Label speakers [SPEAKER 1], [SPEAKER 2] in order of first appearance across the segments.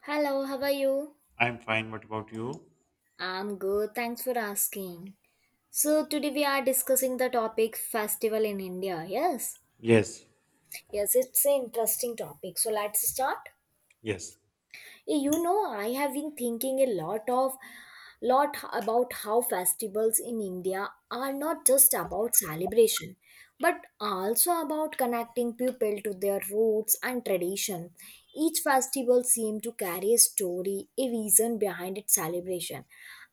[SPEAKER 1] Hello, how are you?
[SPEAKER 2] I'm fine. What about you?
[SPEAKER 1] I'm good, thanks for asking. So, today we are discussing the topic festival in India. Yes,
[SPEAKER 2] Yes,
[SPEAKER 1] yes, it's an interesting topic. So, let's start.
[SPEAKER 2] yes.
[SPEAKER 1] I have been thinking a lot about how festivals in India are not just about celebration, but also about connecting people to their roots and tradition. Each festival seems to carry a story, a reason behind its celebration,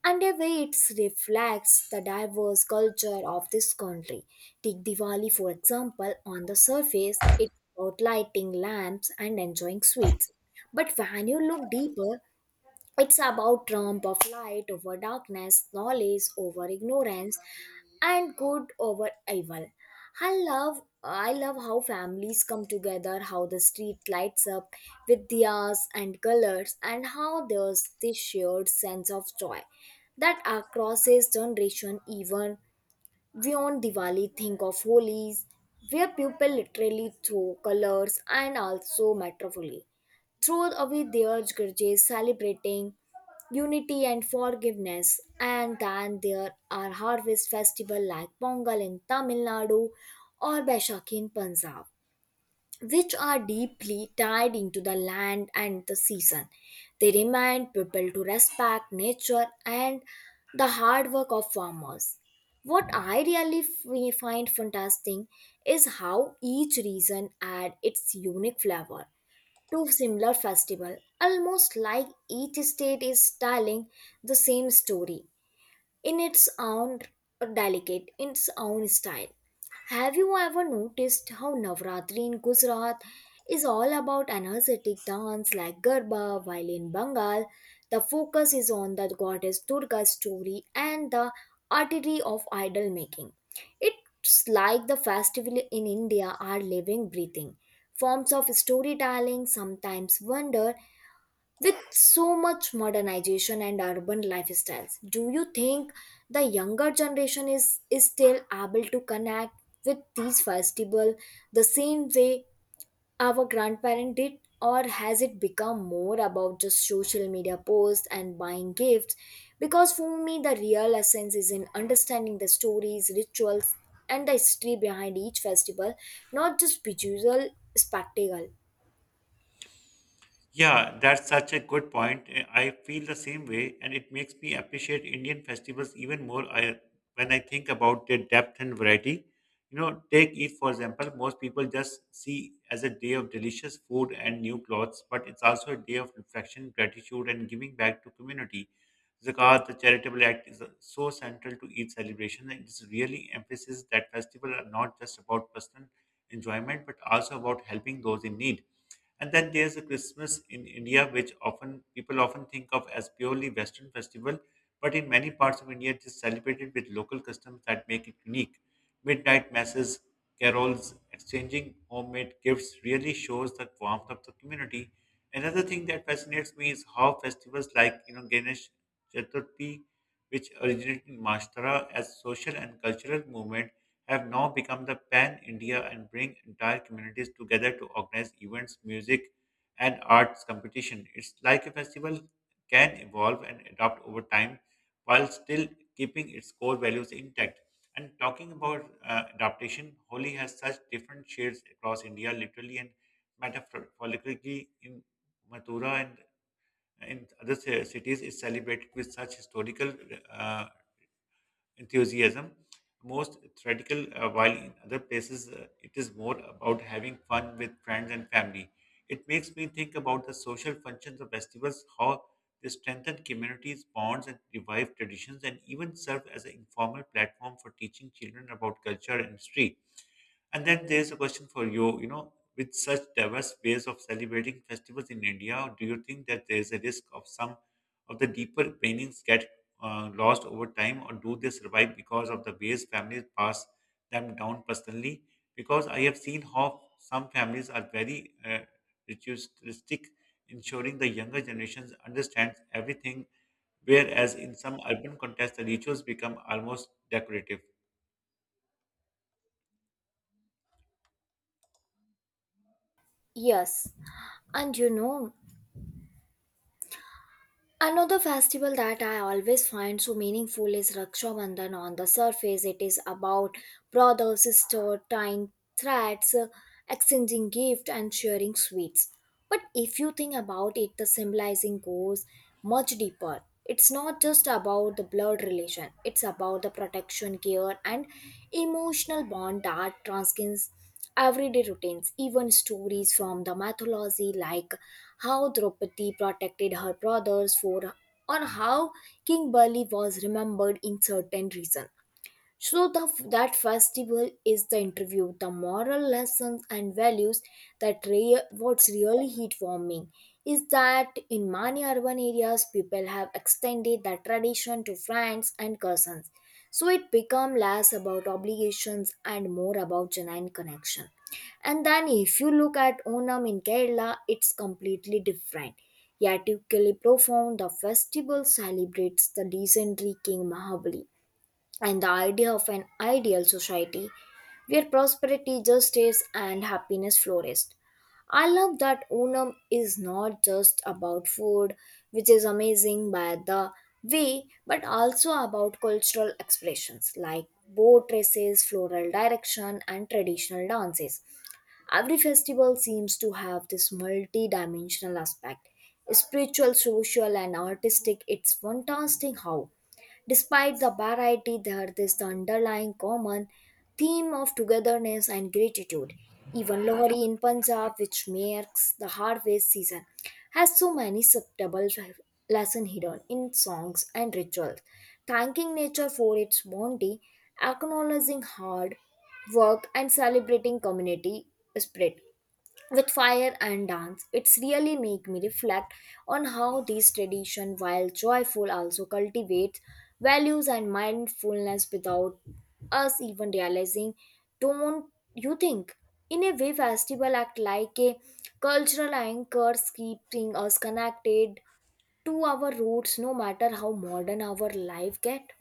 [SPEAKER 1] and a way it reflects the diverse culture of this country. Take Diwali, for example, on the surface, it's about lighting lamps and enjoying sweets. But when you look deeper, it's about trump of light over darkness, knowledge over ignorance, and good over evil. I love how families come together, how the street lights up with diyas and colors, and how there's this shared sense of joy that acrosses generation even beyond Diwali. Think of Holi's, where people literally throw colors and also metaphorically throw away their grudges, celebrating unity and forgiveness. And then there are harvest festivals like Pongal in Tamil Nadu or Baishakhi in Punjab, which are deeply tied into the land and the season. They remind people to respect nature and the hard work of farmers. What I really find fantastic is how each region adds its unique flavor to similar festival, almost like each state is telling the same story in its own delicate, in its own style. Have you ever noticed how Navratri in Gujarat is all about energetic dance like Garba, while in Bengal, the focus is on the goddess Durga's story and the artery of idol making. It's like the festival in India are living, breathing forms of storytelling. Sometimes wonder with so much modernization and urban lifestyles, do you think the younger generation is still able to connect with these festivals the same way our grandparents did? Or has it become more about just social media posts and buying gifts? Because for me, the real essence is in understanding the stories, rituals, and the history behind each festival, not just visual spectacle.
[SPEAKER 2] Yeah, that's such a good point. I feel the same way, and it makes me appreciate Indian festivals even when I think about their depth and variety. You know, take Eid for example, most people just see as a day of delicious food and new clothes, but it's also a day of reflection, gratitude, and giving back to community. Zakat, the charitable act, is so central to Eid celebration, and it's really emphasizes that festivals are not just about personal enjoyment, but also about helping those in need. And then there's a Christmas in India, which often people often think of as purely Western festival, but in many parts of India, it is celebrated with local customs that make it unique. Midnight masses, carols, exchanging homemade gifts really shows the warmth of the community. Another thing that fascinates me is how festivals like Ganesh Chaturthi, which originated in Maharashtra as social and cultural movement, have now become the pan-India and bring entire communities together to organize events, music, and arts competition. It's like a festival can evolve and adapt over time while still keeping its core values intact. And talking about adaptation, Holi has such different shades across India, literally and metaphorically in Mathura and in other cities is celebrated with such historical uh, enthusiasm. Most theatrical, while in other places it is more about having fun with friends and family. It makes me think about the social functions of festivals, how they strengthen communities' bonds and revive traditions, and even serve as an informal platform for teaching children about culture and history. And then there's a question for you, you know, with such diverse ways of celebrating festivals in India, do you think that there's a risk of some of the deeper meanings get lost over time, or do they survive because of the ways families pass them down personally? Because I have seen how some families are very ritualistic, ensuring the younger generations understands everything, whereas in some urban contexts, the rituals become almost decorative.
[SPEAKER 1] Yes, and you know, another festival that I always find so meaningful is Raksha Bandhan. On the surface, it is about brother, sister, tying threads, exchanging gifts, and sharing sweets. But if you think about it, the symbolizing goes much deeper. It's not just about the blood relation; it's about the protection, care, and emotional bond that transcends everyday routines, even stories from the mythology, like how Draupadi protected her brothers for, or how King Bali was remembered in certain regions. So that festival is the interview, the moral lessons and values that what's really heat warming is that in many urban areas people have extended that tradition to friends and cousins. So it become less about obligations and more about genuine connection. And then if you look at Onam in Kerala, it's completely different. Yet equally profound, the festival celebrates the legendary King Mahabali and the idea of an ideal society where prosperity, justice, and happiness flourished. I love that Unam is not just about food, which is amazing by the way, but also about cultural expressions like boat races, floral direction, and traditional dances. Every festival seems to have this multi dimensional aspect spiritual, social, and artistic. It's fantastic how despite the variety, there is the underlying common theme of togetherness and gratitude. Even Lohri in Punjab, which marks the harvest season, has so many subtle lessons hidden in songs and rituals. Thanking nature for its bounty, acknowledging hard work, and celebrating community spirit with fire and dance, it's really make me reflect on how these tradition, while joyful, also cultivates values and mindfulness without us even realizing. Don't you think in a way festival act like a cultural anchors, keeping us connected to our roots no matter how modern our life get?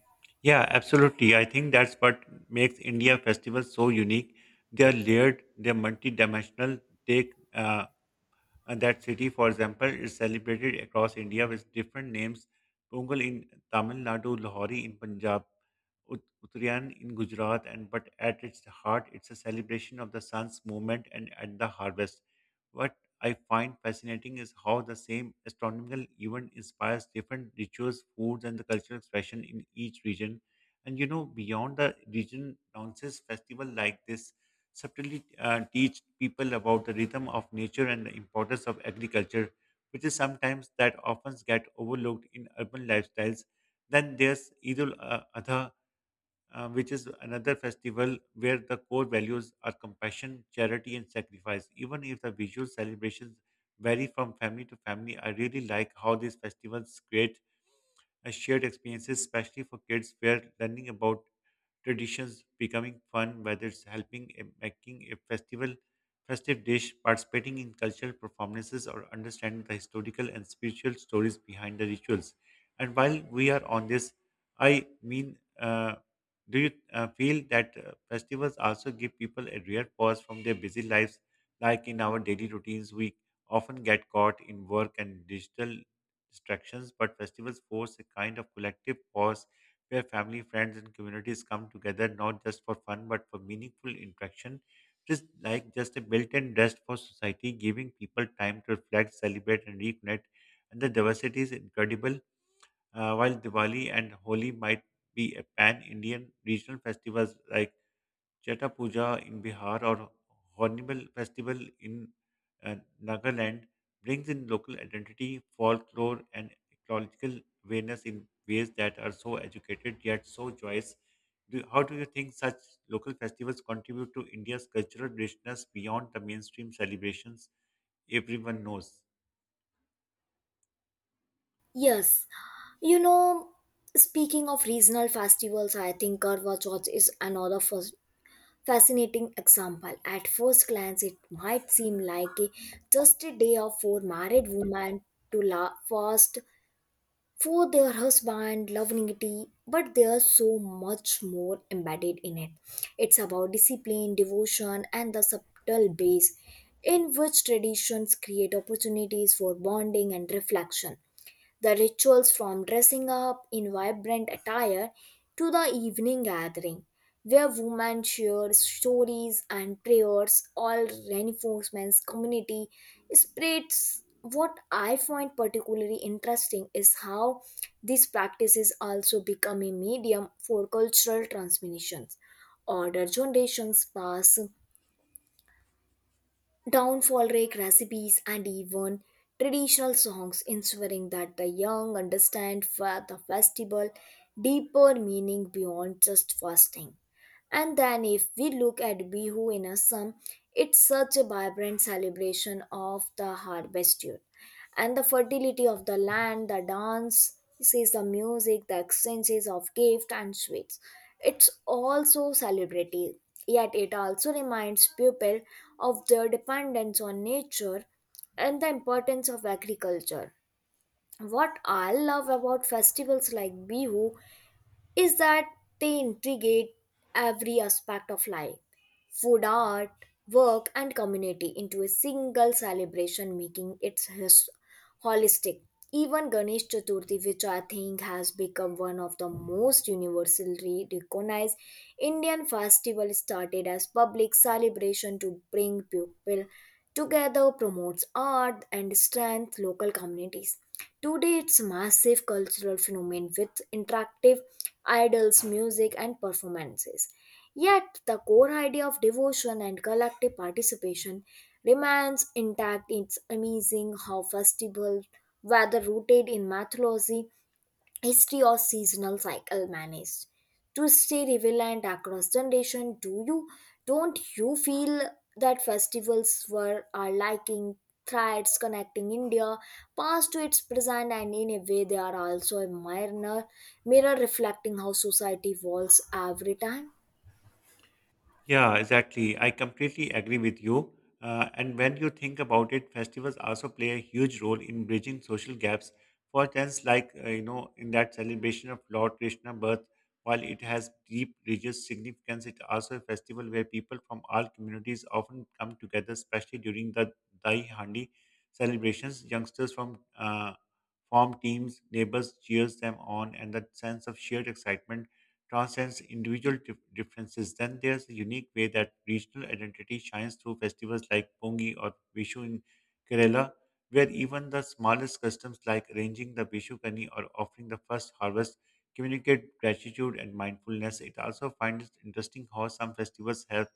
[SPEAKER 2] Yeah, absolutely. I think that's what makes India festivals so unique. They are layered, they're multidimensional. Take and that city, for example, is celebrated across India with different names. Pongal in Tamil Nadu, Lahori in Punjab, Uttarayan in Gujarat, and but at its heart, it's a celebration of the sun's movement and at the harvest. What I find fascinating is how the same astronomical event inspires different rituals, foods, and the cultural expression in each region. And you know, beyond the region, announces festival like this subtly teach people about the rhythm of nature and the importance of agriculture, which is sometimes that often get overlooked in urban lifestyles. Then there's Eid al Adha, which is another festival where the core values are compassion, charity, and sacrifice. Even if the visual celebrations vary from family to family, I really like how these festivals create as shared experiences, especially for kids, where learning about traditions becoming fun, whether it's helping in making a festival, festive dish, participating in cultural performances, or understanding the historical and spiritual stories behind the rituals. And while we are on this, I mean, do you feel that festivals also give people a rare pause from their busy lives? Like in our daily routines, we often get caught in work and digital distractions, but festivals force a kind of collective pause where family, friends, and communities come together not just for fun but for meaningful interaction. Just like just a built-in rest for society, giving people time to reflect, celebrate, and reconnect. And the diversity is incredible. While Diwali and Holi might be a pan-Indian regional festivals like Cheta Puja in Bihar or Hornbill Festival in uh, Nagaland brings in local identity, folklore, and ecological awareness in ways that are so educated yet so joyous. Do, how do you think such local festivals contribute to India's cultural richness beyond the mainstream celebrations everyone knows?
[SPEAKER 1] Yes, you know, speaking of regional festivals, I think Karwa Chauth is another fascinating example. At first glance, it might seem like a just a day of four married women to fast for their husband, longevity, but there's so much more embedded in it. It's about discipline, devotion, and the subtle base in which traditions create opportunities for bonding and reflection. The rituals from dressing up in vibrant attire to the evening gathering, where women share stories and prayers, all reinforcements community spreads. What I find particularly interesting is how these practices also become a medium for cultural transmissions. Older generations pass downfall rake recipes and even traditional songs, ensuring that the young understand the festival deeper meaning beyond just fasting. And then, if we look at Bihu in Assam, it's such a vibrant celebration of the harvesture and the fertility of the land, the dance, is the music, the exchanges of gift and sweets. It's also celebrative, yet it also reminds people of their dependence on nature and the importance of agriculture. What I love about festivals like Bihu is that they integrate every aspect of life food, art, work, and community into a single celebration, making it holistic. Even Ganesh Chaturthi, which I think has become one of the most universally recognized Indian festival, started as public celebration to bring people together, promotes art and strength local communities. Today, it's a massive cultural phenomenon with interactive idols, music, and performances. Yet, the core idea of devotion and collective participation remains intact. It's amazing how festivals, whether rooted in mythology history or seasonal cycle managed to stay relevant across generation. Do you don't you feel that festivals were are liking threads connecting India past to its present, and in a way they are also a mirror reflecting how society evolves every time?
[SPEAKER 2] Yeah, exactly. I completely agree with you. And when you think about it, festivals also play a huge role in bridging social gaps. For instance, like you know, in that celebration of Lord Krishna's birth, while it has deep religious significance, it's also a festival where people from all communities often come together, especially during the Dai Handi celebrations. Youngsters from form teams, neighbors cheers them on, and that sense of shared excitement transcends individual differences. Then there's a unique way that regional identity shines through festivals like Pongi or Vishu in Kerala, where even the smallest customs like arranging the Vishu Kani or offering the first harvest communicate gratitude and mindfulness. It also finds interesting how some festivals have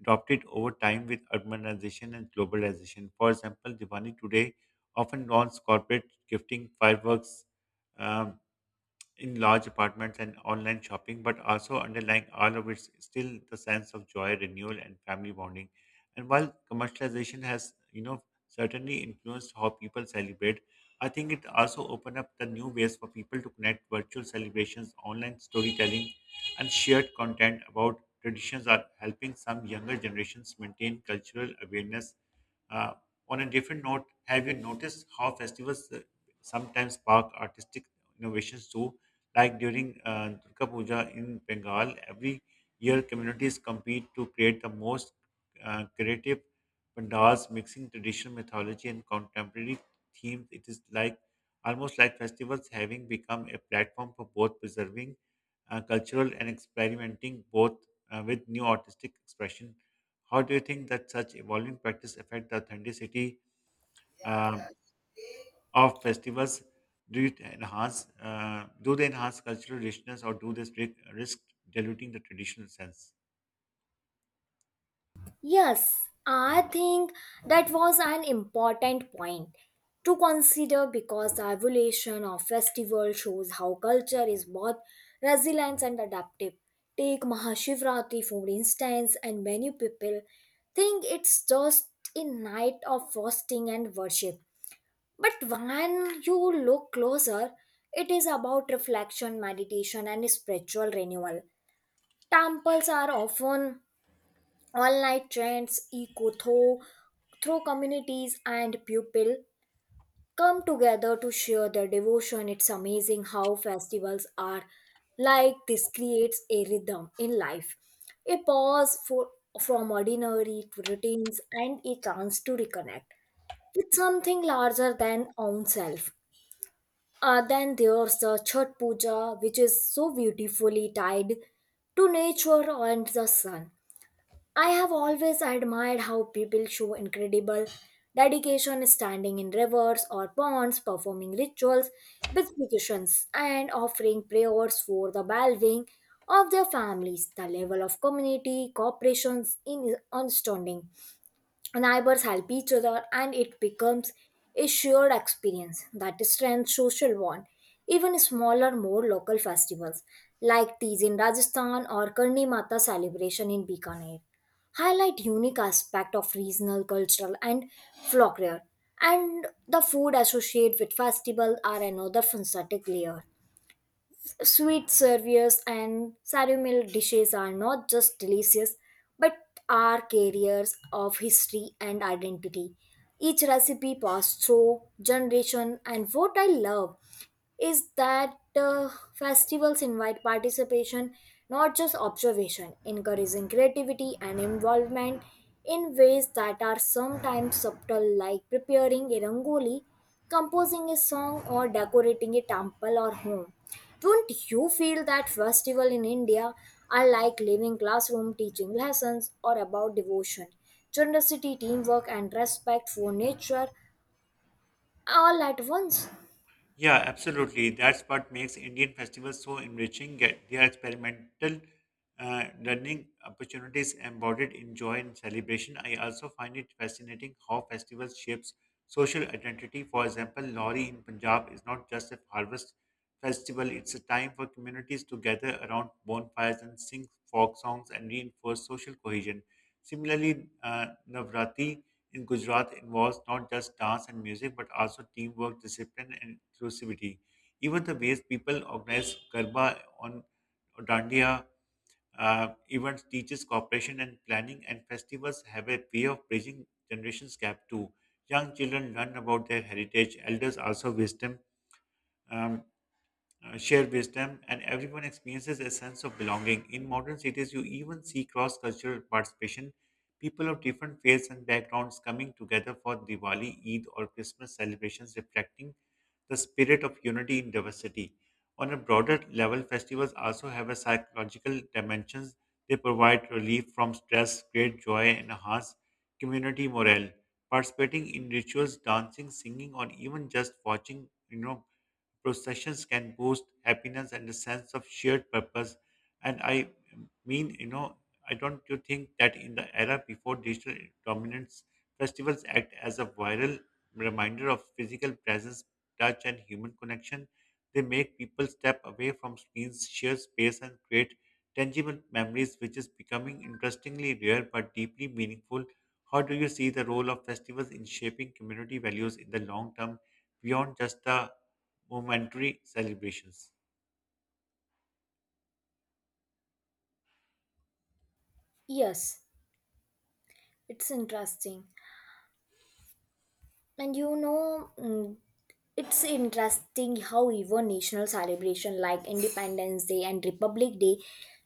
[SPEAKER 2] adopted over time with urbanization and globalization. For example, Diwali today often dons corporate gifting, fireworks, um, in large apartments and online shopping, but also underlying all of it's still the sense of joy, renewal, and family bonding. And while commercialization has, you know, certainly influenced how people celebrate, I think it also opened up the new ways for people to connect virtual celebrations, online storytelling, and shared content about traditions are helping some younger generations maintain cultural awareness. Uh, on a different note, have you noticed how festivals sometimes spark artistic innovations too? Like during Durga Puja in Bengal, every year communities compete to create the most creative pandals, mixing traditional mythology and contemporary themes. It is like almost like festivals having become a platform for both preserving cultural and experimenting both with new artistic expression. How do you think that such evolving practice affect the authenticity? um, of festivals do it enhance do they enhance cultural richness or do they risk diluting the traditional sense?
[SPEAKER 1] Yes, I think that was an important point to consider because the evolution of festival shows how culture is both resilient and adaptive. Take Mahashivratri for instance, and many people think it's just a night of fasting and worship. But when you look closer, it is about reflection, meditation, and spiritual renewal. Temples are often online trends echo through communities, and people come together to share their devotion. It's amazing how festivals are like this, creates a rhythm in life, a pause for from ordinary to routines, and a chance to reconnect with something larger than oneself. Then there's the Chhat Puja, which is so beautifully tied to nature and the sun. I have always admired how people show incredible dedication standing in rivers or ponds, performing rituals, beatifications, and offering prayers for the well-being of their families. The level of community cooperation is astounding, neighbors help each other and it becomes a shared experience that strengthens social bond. Even smaller more local festivals like these in Rajasthan or Karni Mata celebration in Bikaner highlight unique aspect of regional cultural and folklore. And the food associated with festival are another fantastic layer. Sweet serviers and ceremonial dishes are not just delicious but are carriers of history and identity. Each recipe passed through generation, and what I love is that festivals invite participation, not just observation, encouraging creativity and involvement in ways that are sometimes subtle, like preparing a rangoli, composing a song, or decorating a temple or home. Don't you feel that festival in India are like living classroom teaching lessons or about devotion, generosity, teamwork, and respect for nature all at once?
[SPEAKER 2] Yeah, absolutely. That's what makes Indian festivals so enriching. Get their experimental learning opportunities embodied in joy and celebration. I also find it fascinating how festivals shapes social identity. For example, Lohri in Punjab is not just a harvest festival; it's a time for communities to gather around bonfires and sing folk songs and reinforce social cohesion. Similarly, Navratri in Gujarat involves not just dance and music but also teamwork, discipline, and inclusivity. Even the ways people organize Garba on Dandiya events teaches cooperation and planning, and festivals have a way of bridging generations gap too. Young children learn about their heritage, elders also wisdom. Um, share wisdom, and everyone experiences a sense of belonging. In modern cities, you even see cross cultural participation, people of different faiths and backgrounds coming together for Diwali, Eid, or Christmas celebrations, reflecting the spirit of unity in diversity. On a broader level, festivals also have a psychological dimensions. They provide relief from stress, create joy, and enhance community morale. Participating in rituals, dancing, singing, or even just watching, you know, processions can boost happiness and a sense of shared purpose. And mean, you know, I don't you think that in the era before digital dominance, festivals act as a viral reminder of physical presence, touch, and human connection. They make people step away from screens, share space, and create tangible memories, which is becoming interestingly rare but deeply meaningful. How do you see the role of festivals in shaping community values in the long term beyond just the momentary celebrations?
[SPEAKER 1] Yes, it's interesting. And you know, mm, It's interesting how even national celebration like Independence Day and Republic Day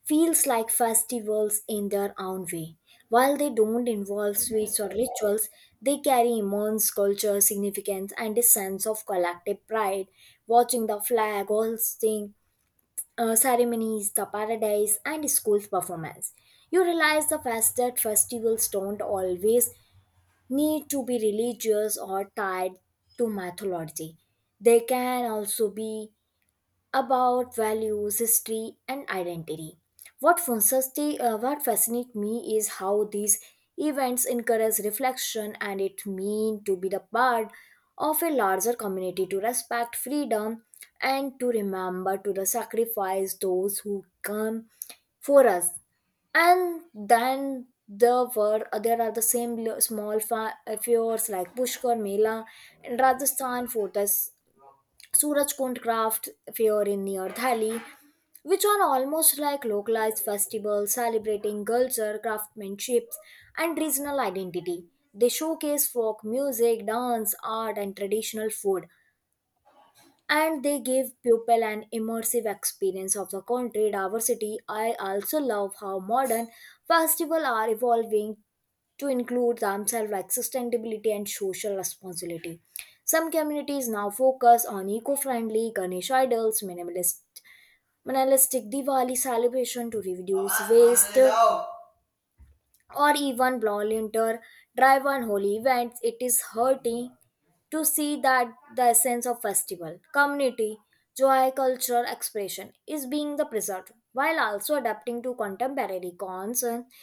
[SPEAKER 1] feels like festivals in their own way. While they don't involve sweets or rituals, they carry immense cultural significance and a sense of collective pride. Watching the flag hoisting ceremonies, the paradise, and school performance, you realize the fact that festivals don't always need to be religious or tied to mythology. They can also be about values, history, and identity. What fascinates me is how these events encourage reflection and it means to be the part of a larger community to respect freedom and to remember to the sacrifice those who come for us. And then there are the same small fairs like Pushkar Mela in Rajasthan for this Surajkund craft fair in near Thali, which are almost like localized festivals celebrating culture, craftsmanship, and regional identity. They showcase folk music, dance, art, and traditional food, and they give people an immersive experience of the country diversity. I also love how modern festivals are evolving to include themselves like sustainability and social responsibility. Some communities now focus on eco-friendly Ganesh idols, minimalistic Diwali celebration to reduce waste, or even volunteer drive on holy events. It is hurting to see that the essence of festival community, joy, cultural expression is being the preserved while also adapting to contemporary concerns.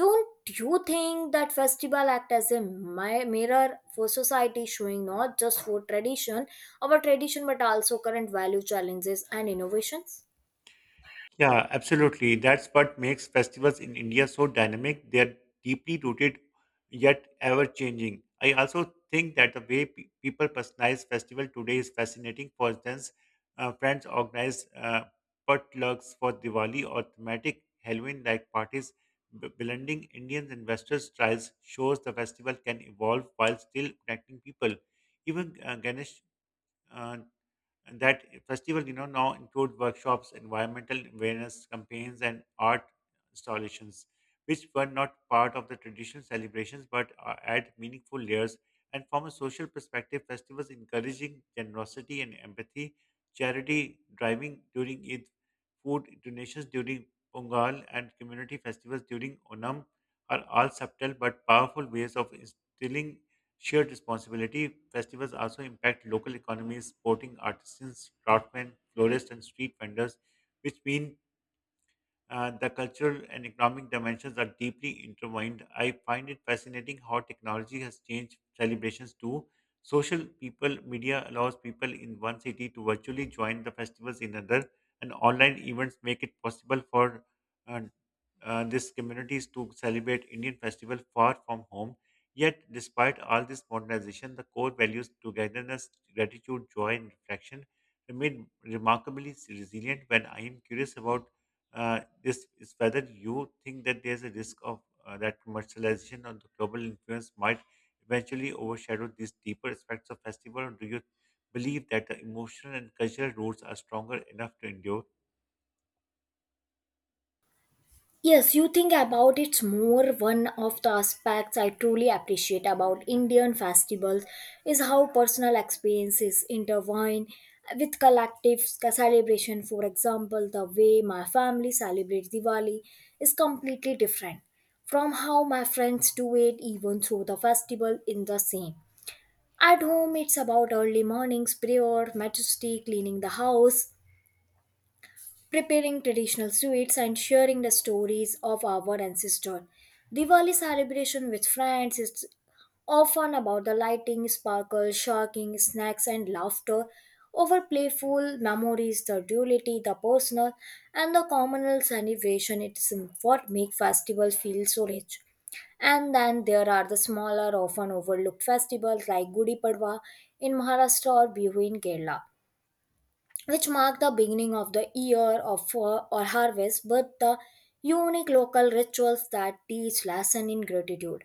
[SPEAKER 1] Don't you think that festival act as a mirror for society, showing not just for tradition our tradition but also current value, challenges and innovations?
[SPEAKER 2] Yeah, absolutely. That's what makes festivals in India so dynamic. They are deeply rooted yet ever changing. I also think that the way people personalize festival today is fascinating. For instance, friends organize potlucks for Diwali or thematic Halloween like parties. Blending Indians and Western styles shows the festival can evolve while still connecting people. Even Ganesh uh, and that festival, you know, now include workshops, environmental awareness campaigns, and art installations, which were not part of the traditional celebrations but add meaningful layers. And from a social perspective, festivals encouraging generosity and empathy, charity driving during Eid, food donations during Pongal, and community festivals during Onam are all subtle but powerful ways of instilling shared responsibility, festivals also impact local economies, supporting artisans, craftsmen, florists, and street vendors, which mean the cultural and economic dimensions are deeply intertwined. I find it fascinating how technology has changed celebrations too. Social people media allows people in one city to virtually join the festivals in another, and online events make it possible for uh, these communities to celebrate Indian festival far from home. Yet, despite all this modernization, the core values togetherness, gratitude, joy, and reflection remain remarkably resilient. When I am curious about this, is whether you think that there's a risk of that commercialization or the global influence might eventually overshadow these deeper aspects of festival, or do you believe that the emotional and cultural roots are stronger enough to endure?
[SPEAKER 1] Yes, you think about it's more. One of the aspects I truly appreciate about Indian festivals is how personal experiences intertwine with collective celebration. For example, the way my family celebrates Diwali is completely different from how my friends do it, even though the festival in the same. At home it's about early mornings prayer, majesty, cleaning the house, preparing traditional sweets and sharing the stories of our ancestors. Diwali celebration with friends is often about the lighting, sparkles, shocking snacks, and laughter over playful memories, the duality, the personal, and the communal celebration. It's what make festivals feel so rich. And then there are the smaller, often overlooked festivals like Gudi Padwa in Maharashtra or Bihu in Kerala, which mark the beginning of the year of or harvest with the unique local rituals that teach lesson in gratitude,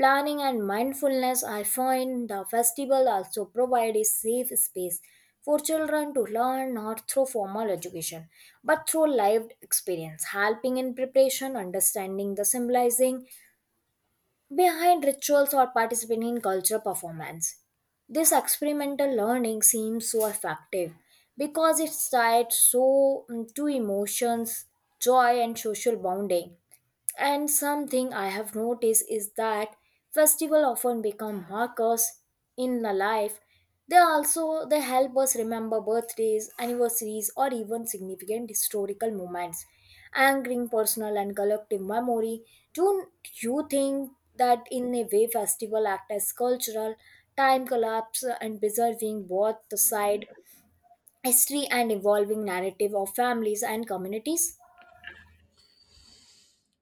[SPEAKER 1] planning and mindfulness. I find the festival also provide a safe space for children to learn, not through formal education but through lived experience, helping in preparation, understanding the symbolizing behind rituals, or participating in cultural performance. This experimental learning seems so effective because it's tied so to emotions, joy, and social bonding. And something I have noticed is that festivals often become markers in the life. They also they help us remember birthdays, anniversaries, or even significant historical moments, anchoring personal and collective memory. Don't you think that in a way festival act as cultural time collapse, and preserving both the side history and evolving narrative of families and communities?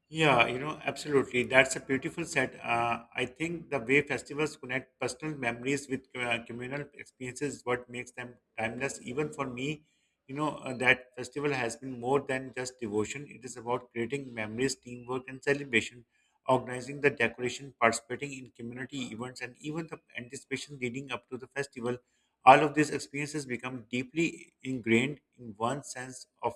[SPEAKER 2] Yeah, you know, absolutely. That's a beautiful set. I think the way festivals connect personal memories with communal experiences is what makes them timeless. Even for me, you know, that festival has been more than just devotion. It is about creating memories, teamwork, and celebration, organizing the decoration, participating in community events, and even the anticipation leading up to the festival. All of these experiences become deeply ingrained in one's sense of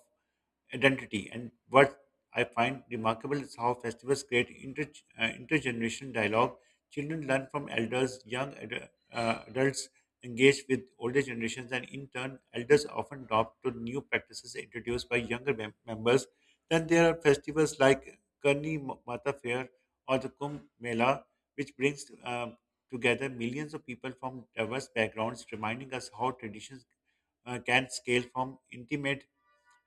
[SPEAKER 2] identity. And what I find remarkable is how festivals create intergenerational dialogue. Children learn from elders, young adults engage with older generations, and in turn, elders often adopt to new practices introduced by younger members. Then there are festivals like Karni Mata Fair or the Kumbh Mela, which brings together millions of people from diverse backgrounds, reminding us how traditions can scale from intimate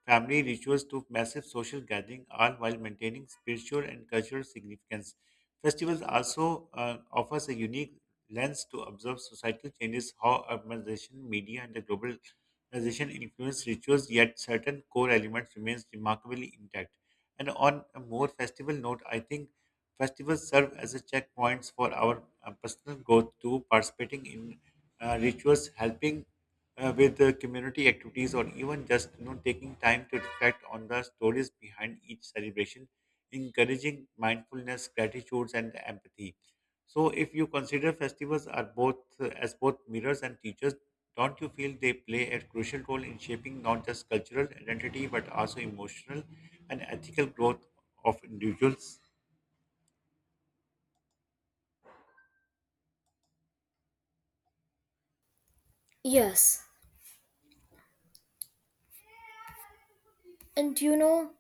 [SPEAKER 2] family rituals took massive social gathering, all while maintaining spiritual and cultural significance. Festivals also offers a unique lens to observe societal changes, how urbanization, media, and the globalization influence rituals, yet certain core elements remains remarkably intact. And on a more festival note, I think festivals serve as a checkpoints for our personal growth too, participating in rituals, helping with the community activities or even just you know taking time to reflect on the stories behind each celebration, encouraging mindfulness, gratitudes, and empathy. So if you consider festivals are both as both mirrors and teachers, don't you feel they play a crucial role in shaping not just cultural identity but also emotional and ethical growth of individuals?
[SPEAKER 1] Yes, and you know,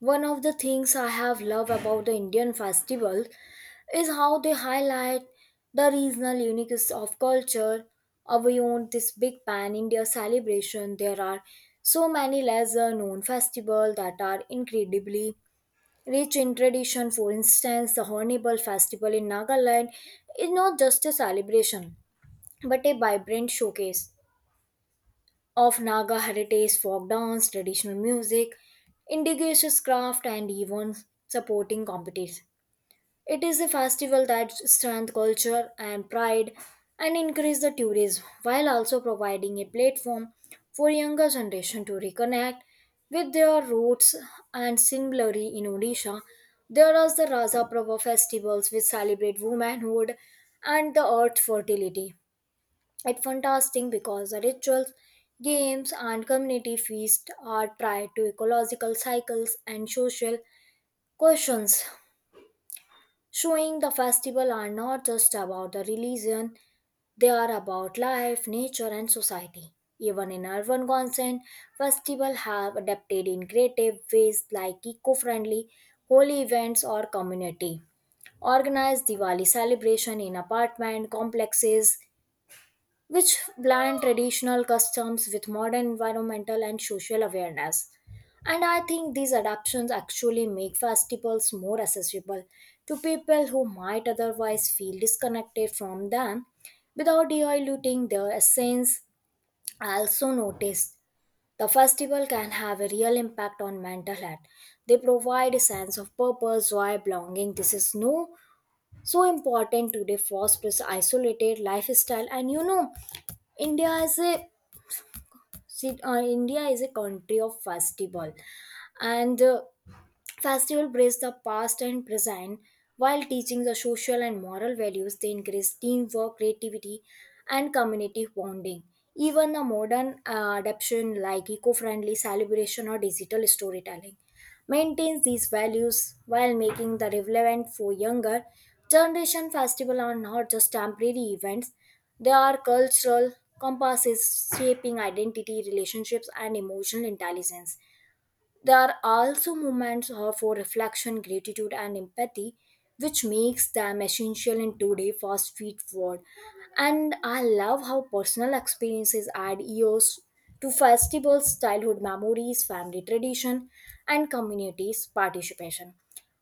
[SPEAKER 1] one of the things I have loved about the Indian festival is how they highlight the regional uniqueness of culture. Beyond this big pan India celebration, there are so many lesser known festivals that are incredibly rich in tradition. For instance, the Hornbill Festival in Nagaland is not just a celebration but a vibrant showcase of Naga heritage, folk dance, traditional music, indigenous craft, and even supporting competitions. It is a festival that strengthens culture and pride and increases the tourism, while also providing a platform for younger generation to reconnect with their roots. And similarly in Odisha, there are the Raza Prabha festivals which celebrate womanhood and the earth fertility. It's fantastic because the rituals, games, and community feasts are tied to ecological cycles and social questions, showing the festival are not just about the religion, they are about life, nature, and society. Even in urban consent, festivals have adapted in creative ways like eco-friendly holy events or community. Organized Diwali celebration in apartment complexes which blend traditional customs with modern environmental and social awareness. And I think these adaptations actually make festivals more accessible to people who might otherwise feel disconnected from them without diluting their essence. I also noticed the festival can have a real impact on mental health. They provide a sense of purpose, joy, belonging. This is no so important today, fosters isolated lifestyle. And you know, india is a india is a country of festival. And festival brings the past and present while teaching the social and moral values. They increase teamwork, creativity, and community bonding. Even the modern adaptation like eco-friendly celebration or digital storytelling maintains these values while making the relevant for younger generation. Festival are not just temporary events; they are cultural compasses, shaping identity, relationships, and emotional intelligence. There are also moments for reflection, gratitude, and empathy, which makes them essential in today's fast food world. And I love how personal experiences add years to festivals, childhood memories, family tradition, and communities participation.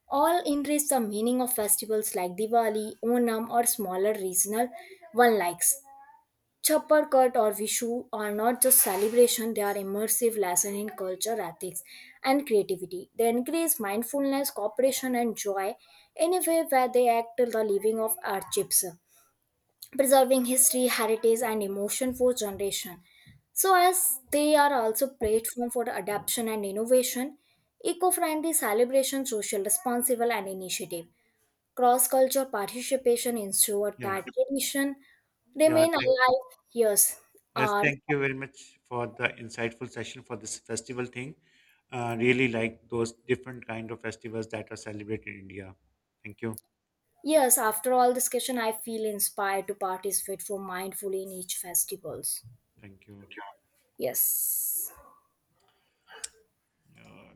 [SPEAKER 1] All enrich the meaning of festivals like Diwali, Onam, or smaller regional one likes. Chopper Cut or Vishu are not just celebration, they are immersive lesson in culture, ethics and creativity. They encourage mindfulness, cooperation and joy, in a way where they act till the living of archives, preserving history, heritage and emotion for generation. So as they are also platform for adaptation and innovation, eco-friendly celebration, social responsible and initiative. Cross cultural participation ensures
[SPEAKER 2] Yeah.
[SPEAKER 1] that tradition
[SPEAKER 2] yeah
[SPEAKER 1] remain
[SPEAKER 2] thank
[SPEAKER 1] alive. Yes,
[SPEAKER 2] Yes,
[SPEAKER 1] uh,
[SPEAKER 2] thank you very much for the insightful session for this festival thing. Really like those different kind of festivals that are celebrated in India. Thank you.
[SPEAKER 1] yes. After all discussion, I feel inspired to participate for mindfully in each festivals.
[SPEAKER 2] Thank you.
[SPEAKER 1] Yes.
[SPEAKER 2] Yeah.